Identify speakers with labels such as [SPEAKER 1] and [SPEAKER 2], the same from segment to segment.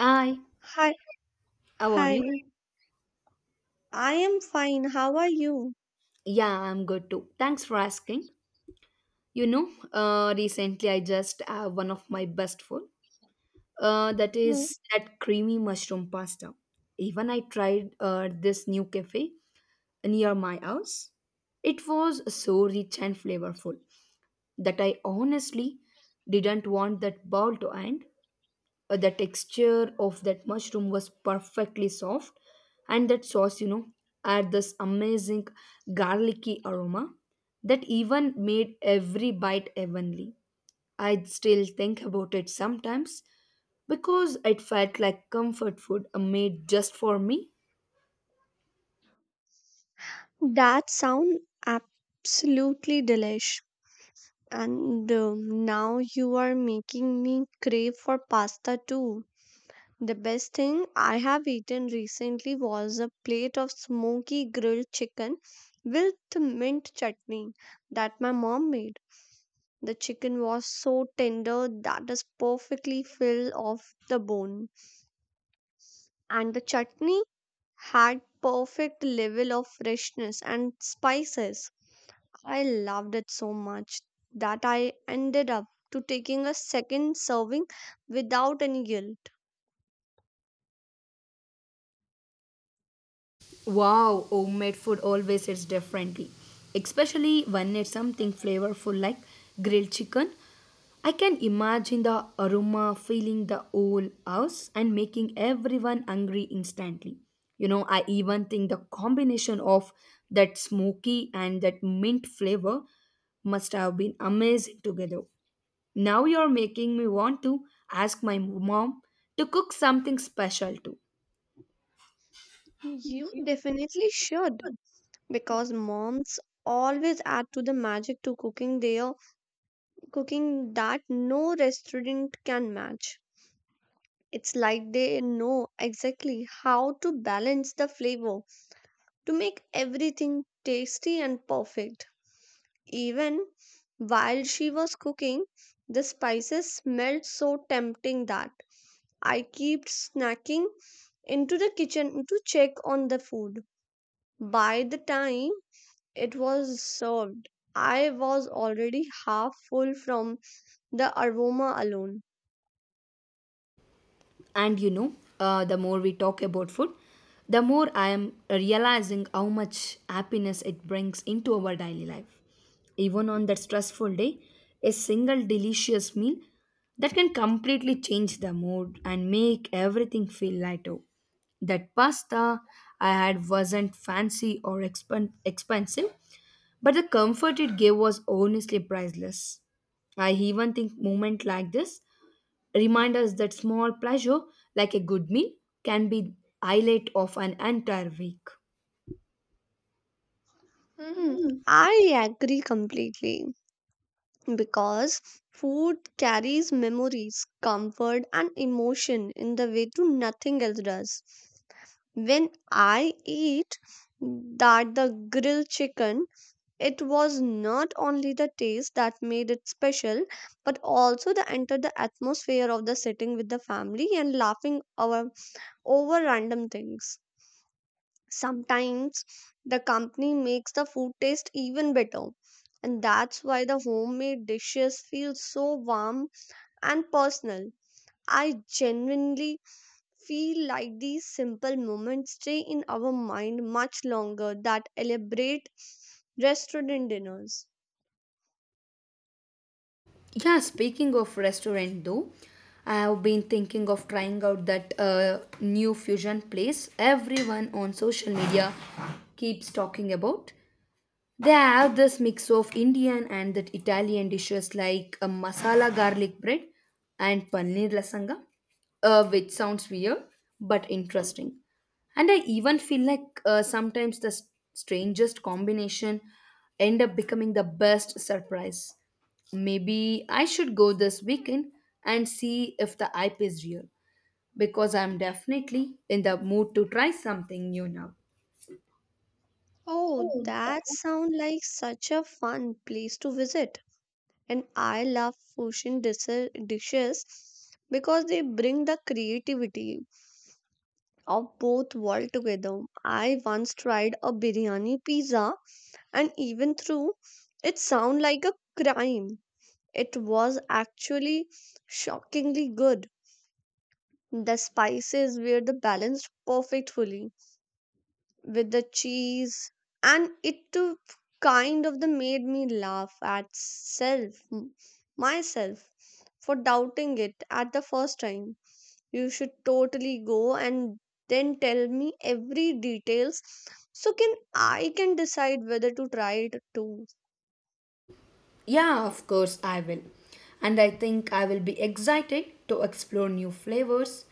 [SPEAKER 1] Hi,
[SPEAKER 2] Hi,
[SPEAKER 1] how are you?
[SPEAKER 2] hi. I am fine. How are you?
[SPEAKER 1] Yeah, I'm good too. Thanks for asking. You know, recently I just have one of my best food. That
[SPEAKER 2] Hmm.
[SPEAKER 1] is that creamy mushroom pasta. Even I tried this new cafe near my house. It was so rich and flavorful that I honestly didn't want that bowl to end. The texture of that mushroom was perfectly soft, and that sauce, you know, had this amazing garlicky aroma that even made every bite heavenly. I still think about it sometimes because it felt like comfort food made just for me.
[SPEAKER 2] That sound absolutely delish. And now you are making me crave for pasta too. The best thing I have eaten recently was a plate of smoky grilled chicken with mint chutney that my mom made. The chicken was so tender that is perfectly filled off the bone. And the chutney had perfect level of freshness and spices. I loved it so much that I ended up to taking a second serving without any guilt.
[SPEAKER 1] Wow, homemade food always hits differently, especially when it's something flavorful like grilled chicken. I can imagine the aroma filling the whole house and making everyone hungry instantly. You know, I even think the combination of that smoky and that mint flavor must have been amazing together. Now you're making me want to ask my mom to cook something special too.
[SPEAKER 2] You definitely should because moms always add to the magic to cooking their cooking that no restaurant can match. It's like they know exactly how to balance the flavor to make everything tasty and perfect. Even while she was cooking, the spices smelled so tempting that I kept snacking into the kitchen to check on the food. By the time it was served, I was already half full from the aroma alone.
[SPEAKER 1] And you know, the more we talk about food, the more I am realizing how much happiness it brings into our daily life. Even on that stressful day, a single delicious meal that can completely change the mood and make everything feel lighter. That pasta I had wasn't fancy or expensive, but the comfort it gave was honestly priceless. I even think moments like this remind us that small pleasure, like a good meal, can be highlight of an entire week.
[SPEAKER 2] Hmm, I agree completely because food carries memories, comfort, and emotion in the way to nothing else does. When I ate that the grilled chicken, it was not only the taste that made it special, but also the enter the atmosphere of the sitting with the family and laughing over random things. Sometimes the company makes the food taste even better, and that's why the homemade dishes feel so warm and personal. I genuinely feel like these simple moments stay in our mind much longer than elaborate restaurant dinners.
[SPEAKER 1] Yeah, speaking of restaurant though, I have been thinking of trying out that new fusion place everyone on social media keeps talking about. They have this mix of Indian and that Italian dishes like a masala garlic bread and paneer lasagna, which sounds weird but interesting. And I even feel like sometimes the strangest combination end up becoming the best surprise. Maybe I should go this weekend and see if the hype is real because I'm definitely in the mood to try something new now.
[SPEAKER 2] Oh, that sounds like such a fun place to visit. And I love fusion dishes because they bring the creativity of both world together. I once tried a biryani pizza and even through it sound like a crime. It was actually shockingly good. The spices were the balanced perfectly with the cheese, and it too kind of the made me laugh at self myself for doubting it at the first time. You should totally go and then tell me every details so can I can decide whether to try it too.
[SPEAKER 1] Yeah, of course I will. And I think I will be excited to explore new flavors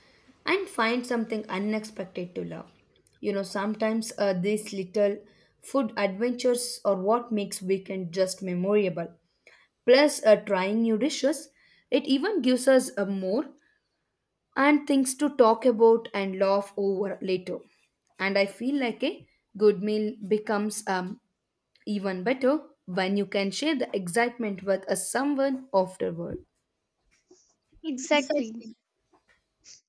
[SPEAKER 1] and find something unexpected to love. You know, sometimes these little food adventures are what makes weekend just memorable. Plus, trying new dishes, it even gives us more and things to talk about and laugh over later. And I feel like a good meal becomes even better when you can share the excitement with a someone afterward.
[SPEAKER 2] Exactly.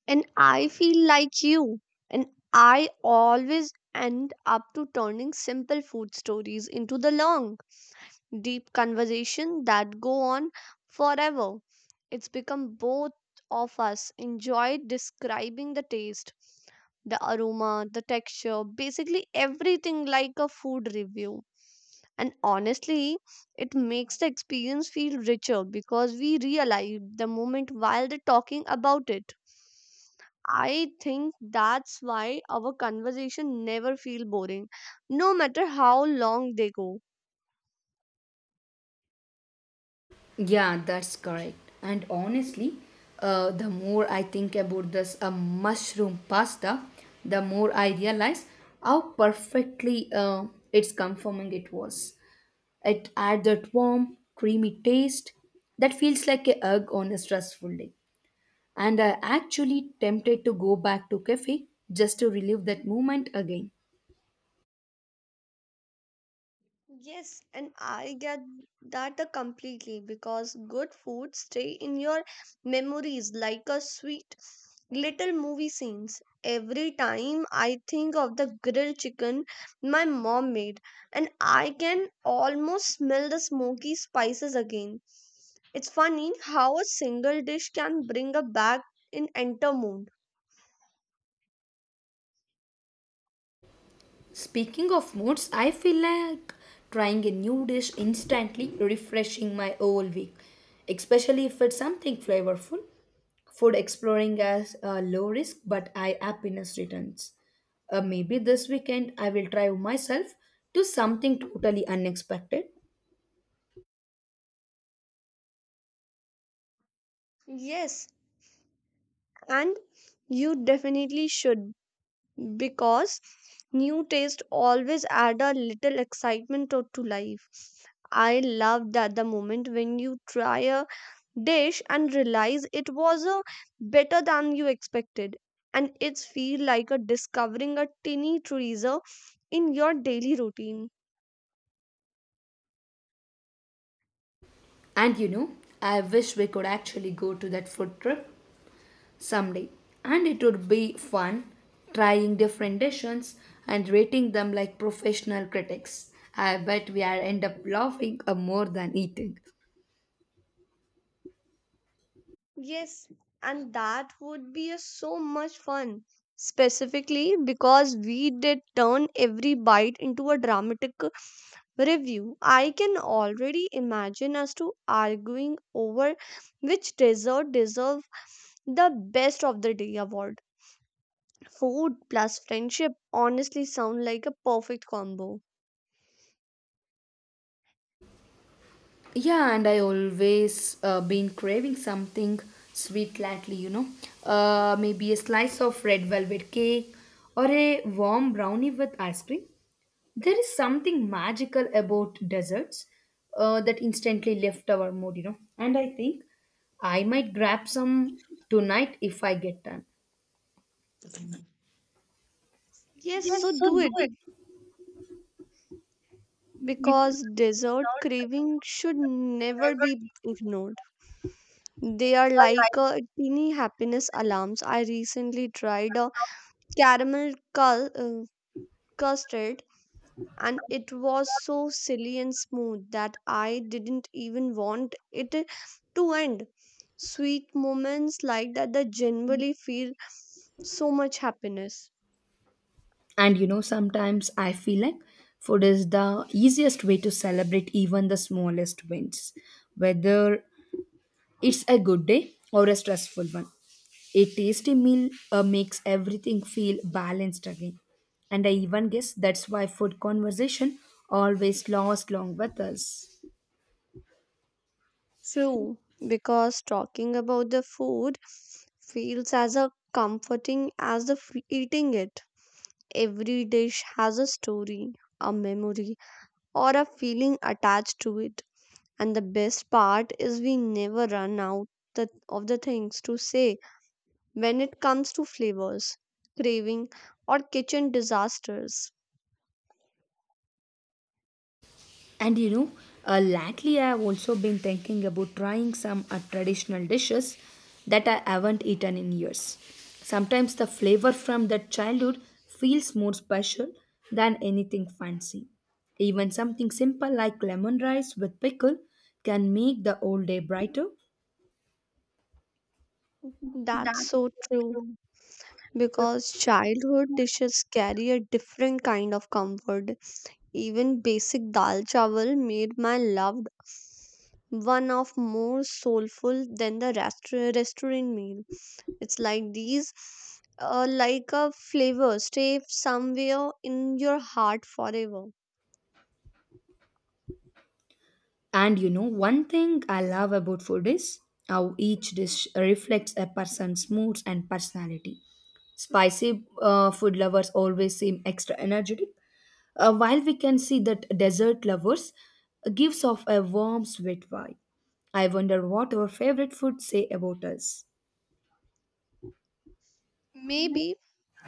[SPEAKER 2] And I feel like you. And I always end up to turning simple food stories into the long, deep conversation that go on forever. It's become both of us enjoy describing the taste, the aroma, the texture, basically everything like a food review. And honestly, it makes the experience feel richer because we realize the moment while they're talking about it. I think that's why our conversation never feel boring, no matter how long they go.
[SPEAKER 1] Yeah, that's correct. And honestly, the more I think about this mushroom pasta, the more I realize how perfectly it's conforming it was. It adds that warm, creamy taste that feels like a hug on a stressful day. And I actually tempted to go back to cafe just to relive that moment again.
[SPEAKER 2] Yes, and I get that completely because good food stay in your memories like a sweet little movie scenes. Every time I think of the grilled chicken my mom made, and I can almost smell the smoky spices again. It's funny how a single dish can bring a back in enter mood.
[SPEAKER 1] Speaking of moods, I feel like trying a new dish instantly refreshing my whole week, especially if it's something flavorful. Food exploring as low risk but high happiness returns. Maybe this weekend I will try myself to something totally unexpected.
[SPEAKER 2] Yes, and you definitely should because new taste always add a little excitement to life. I love that the moment when you try a dish and realize it was a better than you expected. And it's feel like a discovering a tiny treasure in your daily routine.
[SPEAKER 1] And you know, I wish we could actually go to that food trip someday. And it would be fun trying different dishes and rating them like professional critics. I bet we are end up laughing more than eating.
[SPEAKER 2] Yes, and that would be a so much fun, specifically because we did turn every bite into a dramatic review. I can already imagine us to arguing over which dessert deserve the best of the day award. Food plus friendship honestly sound like a perfect combo.
[SPEAKER 1] Yeah, and I always been craving something sweet lately, you know. Maybe a slice of red velvet cake or a warm brownie with ice cream. There is something magical about deserts that instantly lift our mood, you know. And I think I might grab some tonight if I get time.
[SPEAKER 2] Yes, so do it because dessert craving should never be ignored. They are like a teeny happiness alarms. I recently tried a caramel custard and it was so silly and smooth that I didn't even want it to end. Sweet moments like that generally feel so much happiness.
[SPEAKER 1] And you know, sometimes I feel like food is the easiest way to celebrate even the smallest wins, whether it's a good day or a stressful one. A tasty meal makes everything feel balanced again. And I even guess that's why food conversation always lasts long with us.
[SPEAKER 2] True, because talking about the food feels as a comforting as the eating it. Every dish has a story, a memory, or a feeling attached to it. And the best part is we never run out of the things to say when it comes to flavors, craving, or kitchen disasters.
[SPEAKER 1] And you know, lately I have also been thinking about trying some traditional dishes that I haven't eaten in years. Sometimes the flavor from that childhood feels more special than anything fancy. Even something simple like lemon rice with pickle can make the whole day brighter.
[SPEAKER 2] That's so true because childhood dishes carry a different kind of comfort. Even basic dal chawal made my loved one of more soulful than the restaurant meal. It's like these, like a flavor, stay somewhere in your heart forever.
[SPEAKER 1] And you know, one thing I love about food is how each dish reflects a person's moods and personality. Spicy food lovers always seem extra energetic, while we can see that desert lovers gives off a warm sweet vibe. I wonder what our favorite food say about us.
[SPEAKER 2] Maybe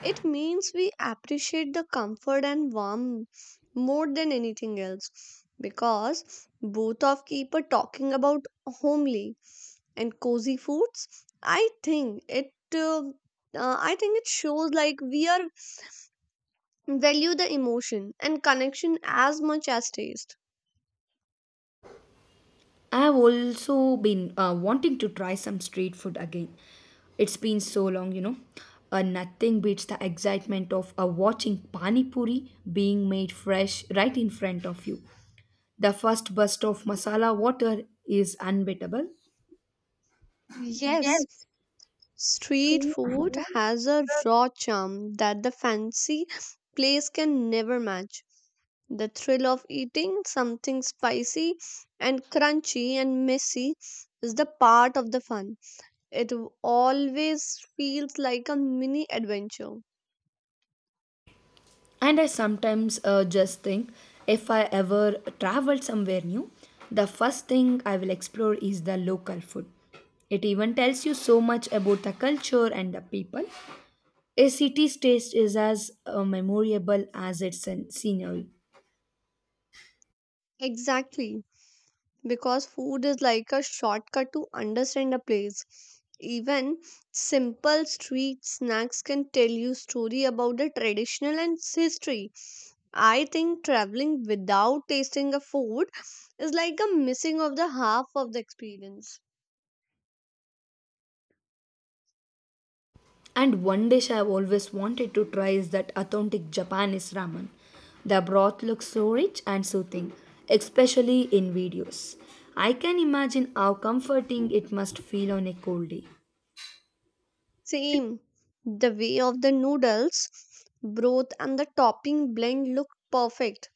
[SPEAKER 2] it means we appreciate the comfort and warmth more than anything else because both of keep a talking about homely and cozy foods. I think it. Uh, I think it shows like we are value the emotion and connection as much as taste.
[SPEAKER 1] I've also been wanting to try some street food again. It's been so long, you know. Nothing beats the excitement of watching pani puri being made fresh right in front of you. The first burst of masala water is unbeatable.
[SPEAKER 2] Yes, street food has a raw charm that the fancy place can never match. The thrill of eating something spicy and crunchy and messy is the part of the fun. It always feels like a mini adventure.
[SPEAKER 1] And I sometimes just think if I ever travel somewhere new, the first thing I will explore is the local food. It even tells you so much about the culture and the people. A city's taste is as memorable as its scenery.
[SPEAKER 2] Exactly. Because food is like a shortcut to understand a place. Even simple street snacks can tell you story about the traditional and its history. I think traveling without tasting a food is like a missing of the half of the experience.
[SPEAKER 1] And one dish I've always wanted to try is that authentic Japanese ramen. The broth looks so rich and soothing, especially in videos. I can imagine how comforting it must feel on a cold day.
[SPEAKER 2] Same, the way of the noodles, broth, and the topping blend look perfect,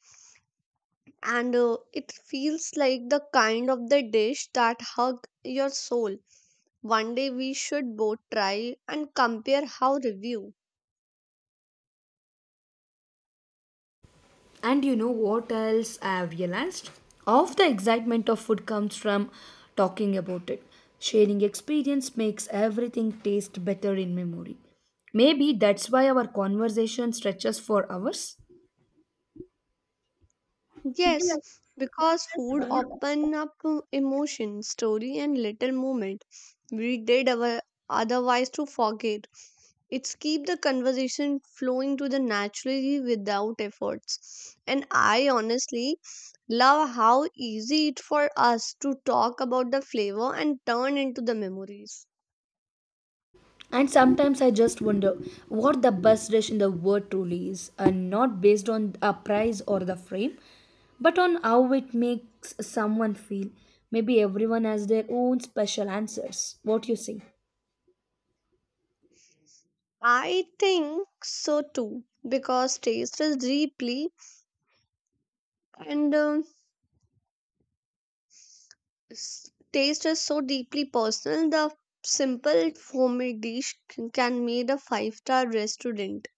[SPEAKER 2] and it feels like the kind of the dish that hug your soul. One day we should both try and compare how review.
[SPEAKER 1] And you know what else I have realized? Half the excitement of food comes from talking about it. Sharing experience makes everything taste better in memory. Maybe that's why our conversation stretches for hours.
[SPEAKER 2] Yes, because food open up to emotion, story and little moment we did our otherwise to forget. It's keep the conversation flowing to the naturally without efforts. And I honestly love how easy it for us to talk about the flavor and turn into the memories.
[SPEAKER 1] And sometimes I just wonder what the best dish in the world truly is, and not based on a price or the frame, but on how it makes someone feel. Maybe everyone has their own special answers. What you say?
[SPEAKER 2] I think so too because and um, taste is so deeply personal the simple homemade dish can made a five-star restaurant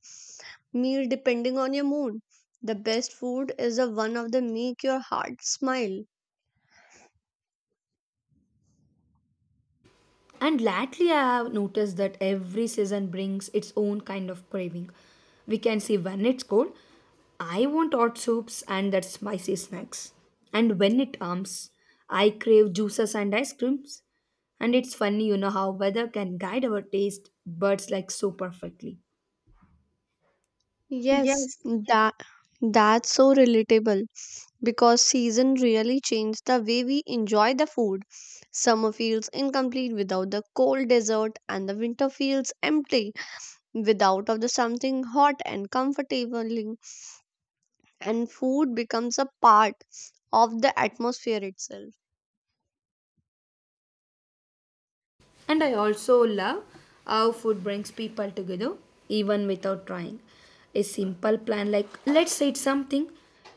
[SPEAKER 2] meal depending on your mood the best food is the one of the make your heart smile.
[SPEAKER 1] And lately, I have noticed that every season brings its own kind of craving. We can see when it's cold, I want hot soups and that spicy snacks. And when it warms, I crave juices and ice creams. And it's funny, you know, how weather can guide our taste buds like so perfectly.
[SPEAKER 2] Yes, that that's so relatable because season really changed the way we enjoy the food summer feels incomplete without the cold dessert and the winter feels empty without of the something hot and comfortable and food becomes a part of the atmosphere itself.
[SPEAKER 1] And I also love how food brings people together even without trying. A simple plan like let's eat something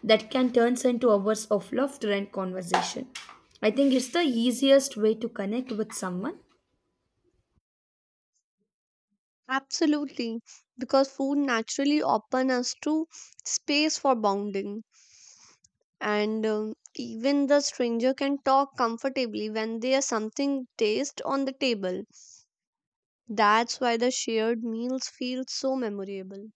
[SPEAKER 1] that can turn into hours of laughter and conversation. I think it's the easiest way to connect with someone.
[SPEAKER 2] Absolutely, because food naturally opens us to space for bonding, and even the stranger can talk comfortably when there's something taste on the table. That's why the shared meals feel so memorable.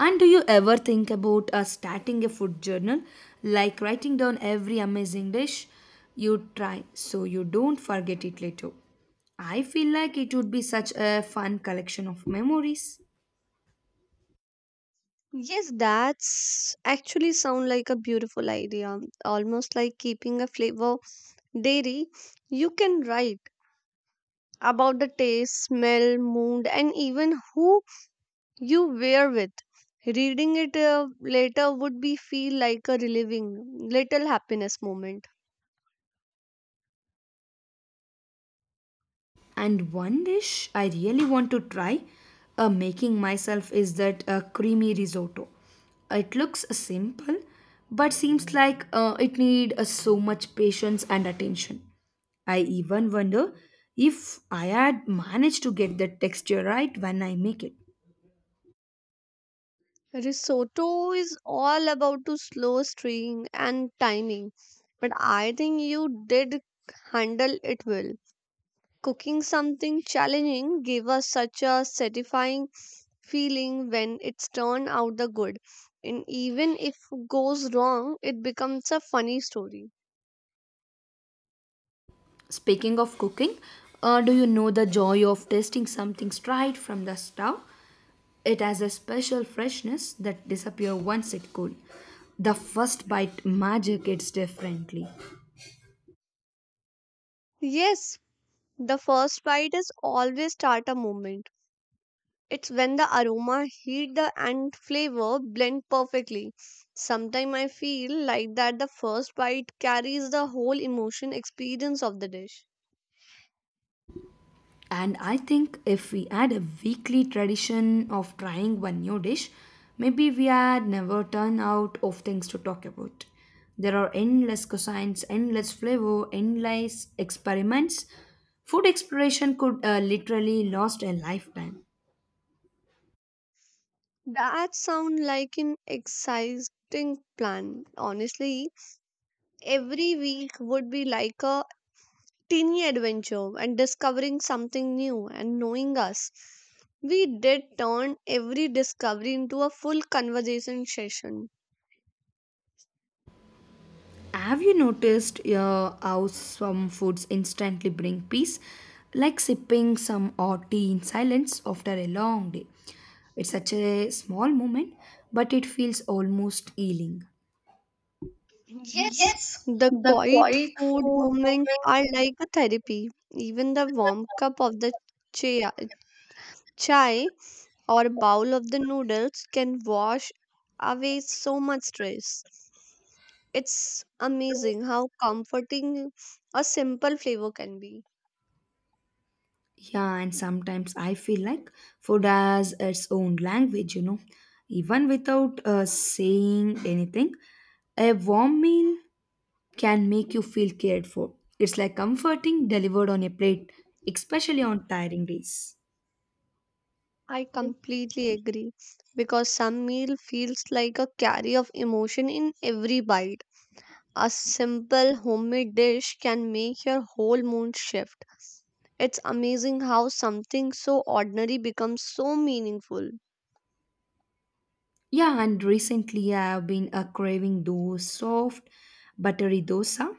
[SPEAKER 1] And do you ever think about starting a food journal like writing down every amazing dish you try so you don't forget it later? I feel like it would be such a fun collection of memories.
[SPEAKER 2] Yes, that's actually sound like a beautiful idea, almost like keeping a flavor diary. You can write about the taste, smell, mood, and even who you wear with. Reading it later would be feel like a relieving little happiness moment.
[SPEAKER 1] And one dish I really want to try making myself is that creamy risotto. It looks simple but seems like it need so much patience and attention. I even wonder if I had managed to get the texture right when I make it.
[SPEAKER 2] Risotto is all about to slow string and timing, but I think you did handle it well. Cooking something challenging gave us such a satisfying feeling when it's turned out the good, and even if goes wrong, it becomes a funny story.
[SPEAKER 1] Speaking of cooking, do you know the joy of tasting something straight from the stove? It has a special freshness that disappear once it cool. The first bite magic hits differently.
[SPEAKER 2] Yes, the first bite is always start a movement. It's when the aroma, heat, the and flavor blend perfectly. Sometimes I feel like that the first bite carries the whole emotion experience of the dish.
[SPEAKER 1] And I think if we had a weekly tradition of trying one new dish, maybe we had never run out of things to talk about. There are endless cuisines, endless flavor, endless experiments. Food exploration could literally last a lifetime.
[SPEAKER 2] That sounds like an exciting plan. Honestly, every week would be like a tiny adventure and discovering something new and knowing us. We did turn every discovery into a full conversation session.
[SPEAKER 1] Have you noticed how some foods instantly bring peace? Like sipping some hot tea in silence after a long day. It's such a small moment, but it feels almost healing.
[SPEAKER 2] Yes, the quiet food moments are like a therapy. Even the warm cup of the chia chai or bowl of the noodles can wash away so much stress. It's amazing how comforting a simple flavor can be.
[SPEAKER 1] Yeah, and sometimes I feel like food has its own language, you know. Even without saying anything, a warm meal can make you feel cared for. It's like comforting delivered on a plate, especially on tiring days.
[SPEAKER 2] I completely agree because some meal feels like a carry of emotion in every bite. A simple homemade dish can make your whole mood shift. It's amazing how something so ordinary becomes so meaningful.
[SPEAKER 1] Yeah, and recently I have been craving those soft, buttery dosa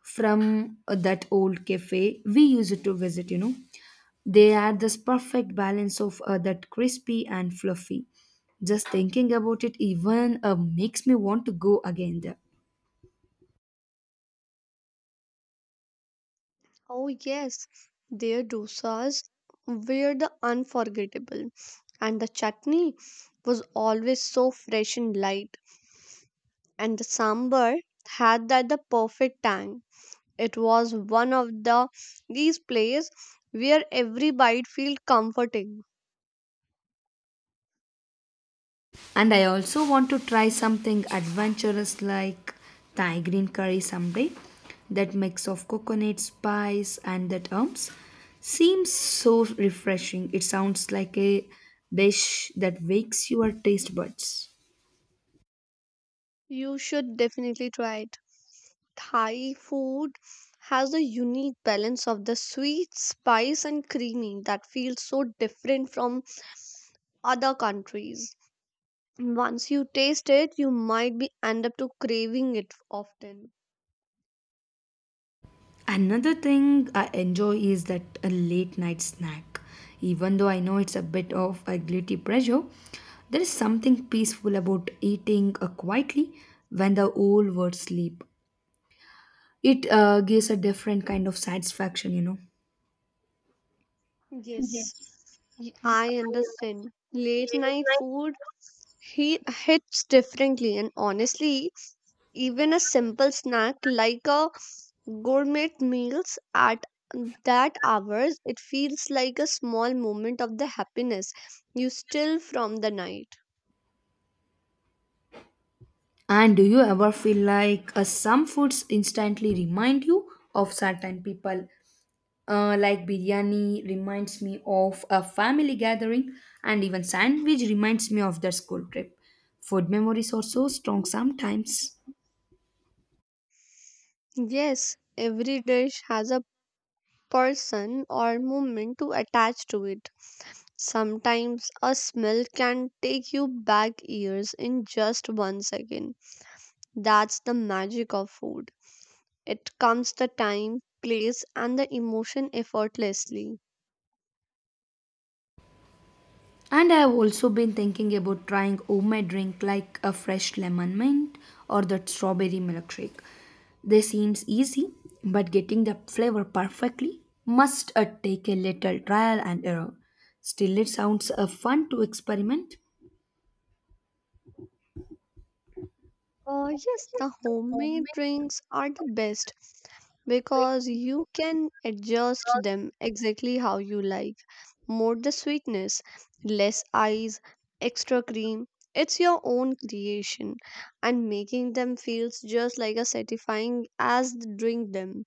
[SPEAKER 1] from that old cafe we used to visit, you know. They are this perfect balance of that crispy and fluffy. Just thinking about it even makes me want to go again there.
[SPEAKER 2] Oh, yes, their dosas were the unforgettable, and the chutney was always so fresh and light, and the sambar had that the perfect tang. It was one of the these plays where every bite feels comforting.
[SPEAKER 1] And I also want to try something adventurous like Thai green curry someday. That mix of coconut spice and that herbs seems so refreshing. It sounds like a dish that wakes your taste buds.
[SPEAKER 2] You should definitely try it. Thai food has a unique balance of the sweet, spice, and creamy that feels so different from other countries. Once you taste it, you might be end up to craving it often.
[SPEAKER 1] Another thing I enjoy is that a late night snack. Even though I know it's a bit of a guilty pleasure, there is something peaceful about eating quietly when the whole world sleep. It gives a different kind of satisfaction, you know.
[SPEAKER 2] Yes, I understand. Late night food he hits differently, and honestly, even a simple snack like a gourmet meals at that hours, it feels like a small moment of the happiness you steal from the night.
[SPEAKER 1] And do you ever feel like some foods instantly remind you of certain people? Like biryani reminds me of a family gathering, and even sandwich reminds me of the school trip. Food memories are so strong sometimes.
[SPEAKER 2] Yes, every dish has a person or moment to attach to it. Sometimes a smell can take you back years in just one second. That's the magic of food. It comes the time, place, and the emotion effortlessly.
[SPEAKER 1] And I've also been thinking about trying homemade drink like a fresh lemon mint or that strawberry milkshake. They seems easy, but getting the flavor perfectly must take a little trial and error. Still, it sounds fun to experiment.
[SPEAKER 2] Yes, the homemade drinks are the best because you can adjust them exactly how you like. More the sweetness, less ice, extra cream. It's your own creation, and making them feels just like a satisfying as the drink them.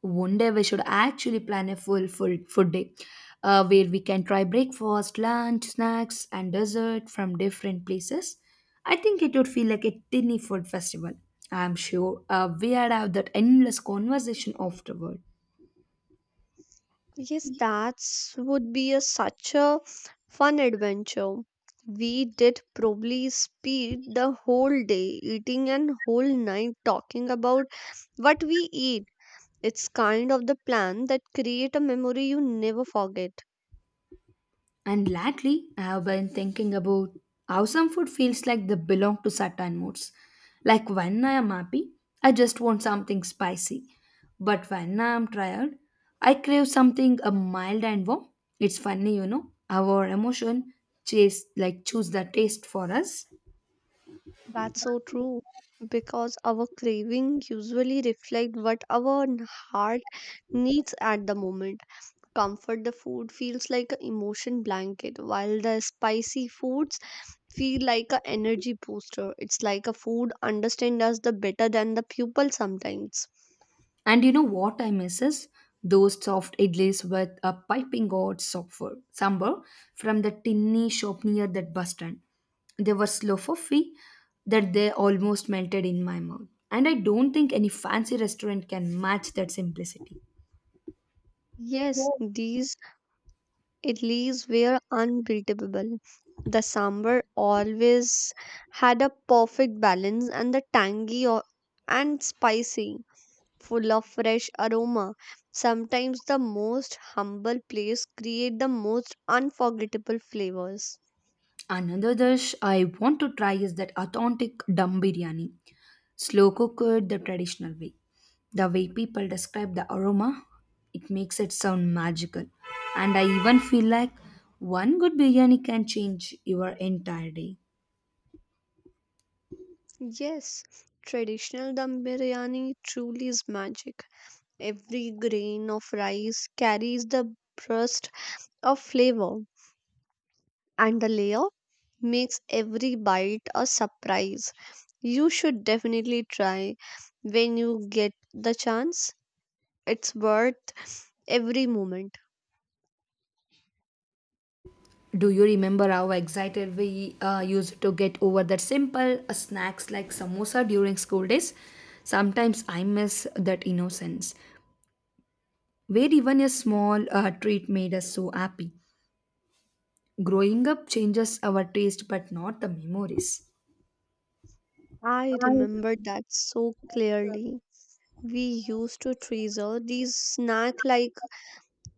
[SPEAKER 1] One day we should actually plan a full food day where we can try breakfast, lunch, snacks, and dessert from different places. I think it would feel like a tiny food festival. I'm sure we'd have that endless conversation afterward.
[SPEAKER 2] Yes, that would be a, such a fun adventure. We did probably speed the whole day eating and whole night talking about what we eat. It's kind of the plan that create a memory you never forget.
[SPEAKER 1] And lately, I have been thinking about how some food feels like they belong to certain moods. Like when I am happy, I just want something spicy. But when I am tired, I crave something mild and warm. It's funny, you know, how our emotion chase like choose the taste for us.
[SPEAKER 2] That's so true because our craving usually reflect what our heart needs at the moment. Comfort the food feels like an emotion blanket while the spicy foods feel like a energy booster. It's like a food understand us the better than the pupil sometimes.
[SPEAKER 1] And you know what I miss is those soft idlis with a piping hot software sambar from the tinny shop near that bus stand. They were slow fluffy that they almost melted in my mouth. And I don't think any fancy restaurant can match that simplicity.
[SPEAKER 2] Yes, these idlis were unbeatable. The sambar always had a perfect balance and the tangy and spicy, full of fresh aroma. Sometimes the most humble place create the most unforgettable flavors.
[SPEAKER 1] Another dish I want to try is that authentic dum biryani slow cooked the traditional way. The way people describe the aroma, it makes it sound magical. And I even feel like one good biryani can change your entire day.
[SPEAKER 2] Yes, traditional dum biryani truly is magic. Every grain of rice carries the burst of flavor, and the layer makes every bite a surprise. You should definitely try when you get the chance. It's worth every moment.
[SPEAKER 1] Do you remember how excited we used to get over that simple snacks like samosa during school days? Sometimes I miss that innocence, where even a small treat made us so happy. Growing up changes our taste, but not the memories.
[SPEAKER 2] I remember that so clearly. We used to treasure these snacks like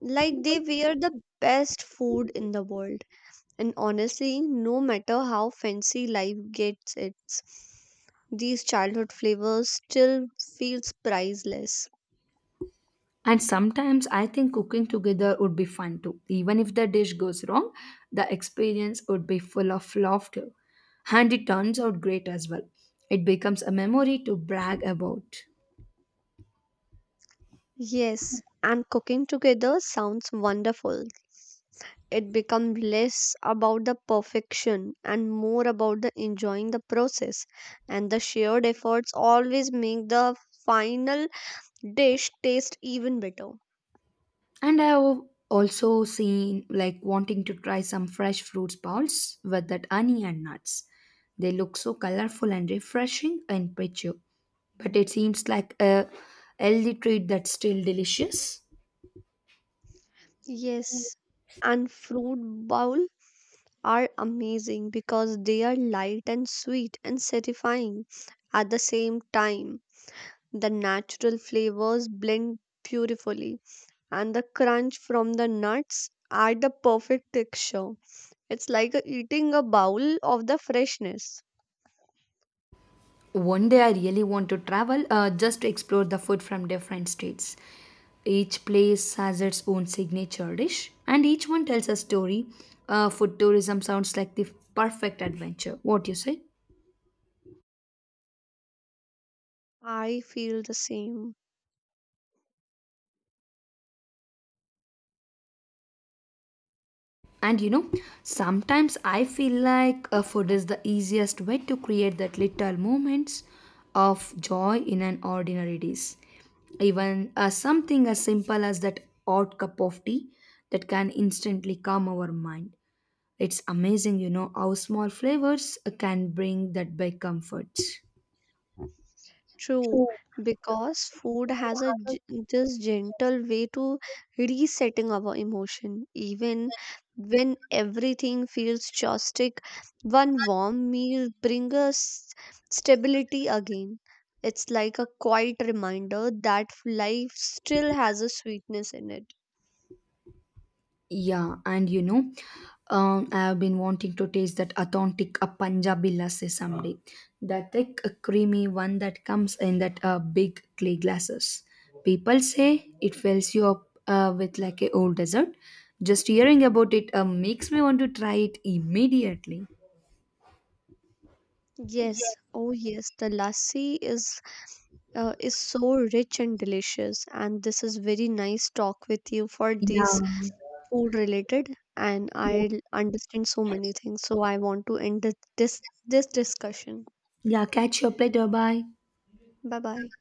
[SPEAKER 2] like they were the best food in the world. And honestly, no matter how fancy life gets its, these childhood flavors still feels priceless.
[SPEAKER 1] And sometimes I think cooking together would be fun too. Even if the dish goes wrong, the experience would be full of laughter. And it turns out great as well. It becomes a memory to brag about.
[SPEAKER 2] Yes, and cooking together sounds wonderful. It becomes less about the perfection and more about the enjoying the process. And the shared efforts always make the final dish taste even better.
[SPEAKER 1] And I have also seen like wanting to try some fresh fruits balls with that honey and nuts. They look so colorful and refreshing in picture. But it seems like a healthy treat that's still delicious.
[SPEAKER 2] Yes, and fruit bowl are amazing because they are light and sweet and satisfying at the same time. The natural flavors blend beautifully, and the crunch from the nuts add the perfect texture. It's like eating a bowl of the freshness.
[SPEAKER 1] One day I really want to travel just to explore the food from different states. Each place has its own signature dish, and each one tells a story. Food tourism sounds like the perfect adventure. What do you say?
[SPEAKER 2] I feel the same.
[SPEAKER 1] And you know, sometimes I feel like food is the easiest way to create that little moments of joy in an ordinary days, even something as simple as that odd cup of tea that can instantly calm our mind. It's amazing, you know, how small flavors can bring that big comfort.
[SPEAKER 2] True, because food has this gentle way to resetting our emotion. Even when everything feels chaotic, one warm meal brings us stability again. It's like a quiet reminder that life still has a sweetness in it.
[SPEAKER 1] Yeah, and you know, I have been wanting to taste that authentic Punjabi lassi someday. That thick, creamy one that comes in that big clay glasses. People say it fills you up with like a old dessert. Just hearing about it makes me want to try it immediately.
[SPEAKER 2] Yes, oh yes, the lassi is so rich and delicious, and this is very nice talk with you for
[SPEAKER 1] Yeah.
[SPEAKER 2] these food related and I understand so many things. So I want to end this discussion.
[SPEAKER 1] Yeah, catch your plate. Bye.
[SPEAKER 2] Bye bye.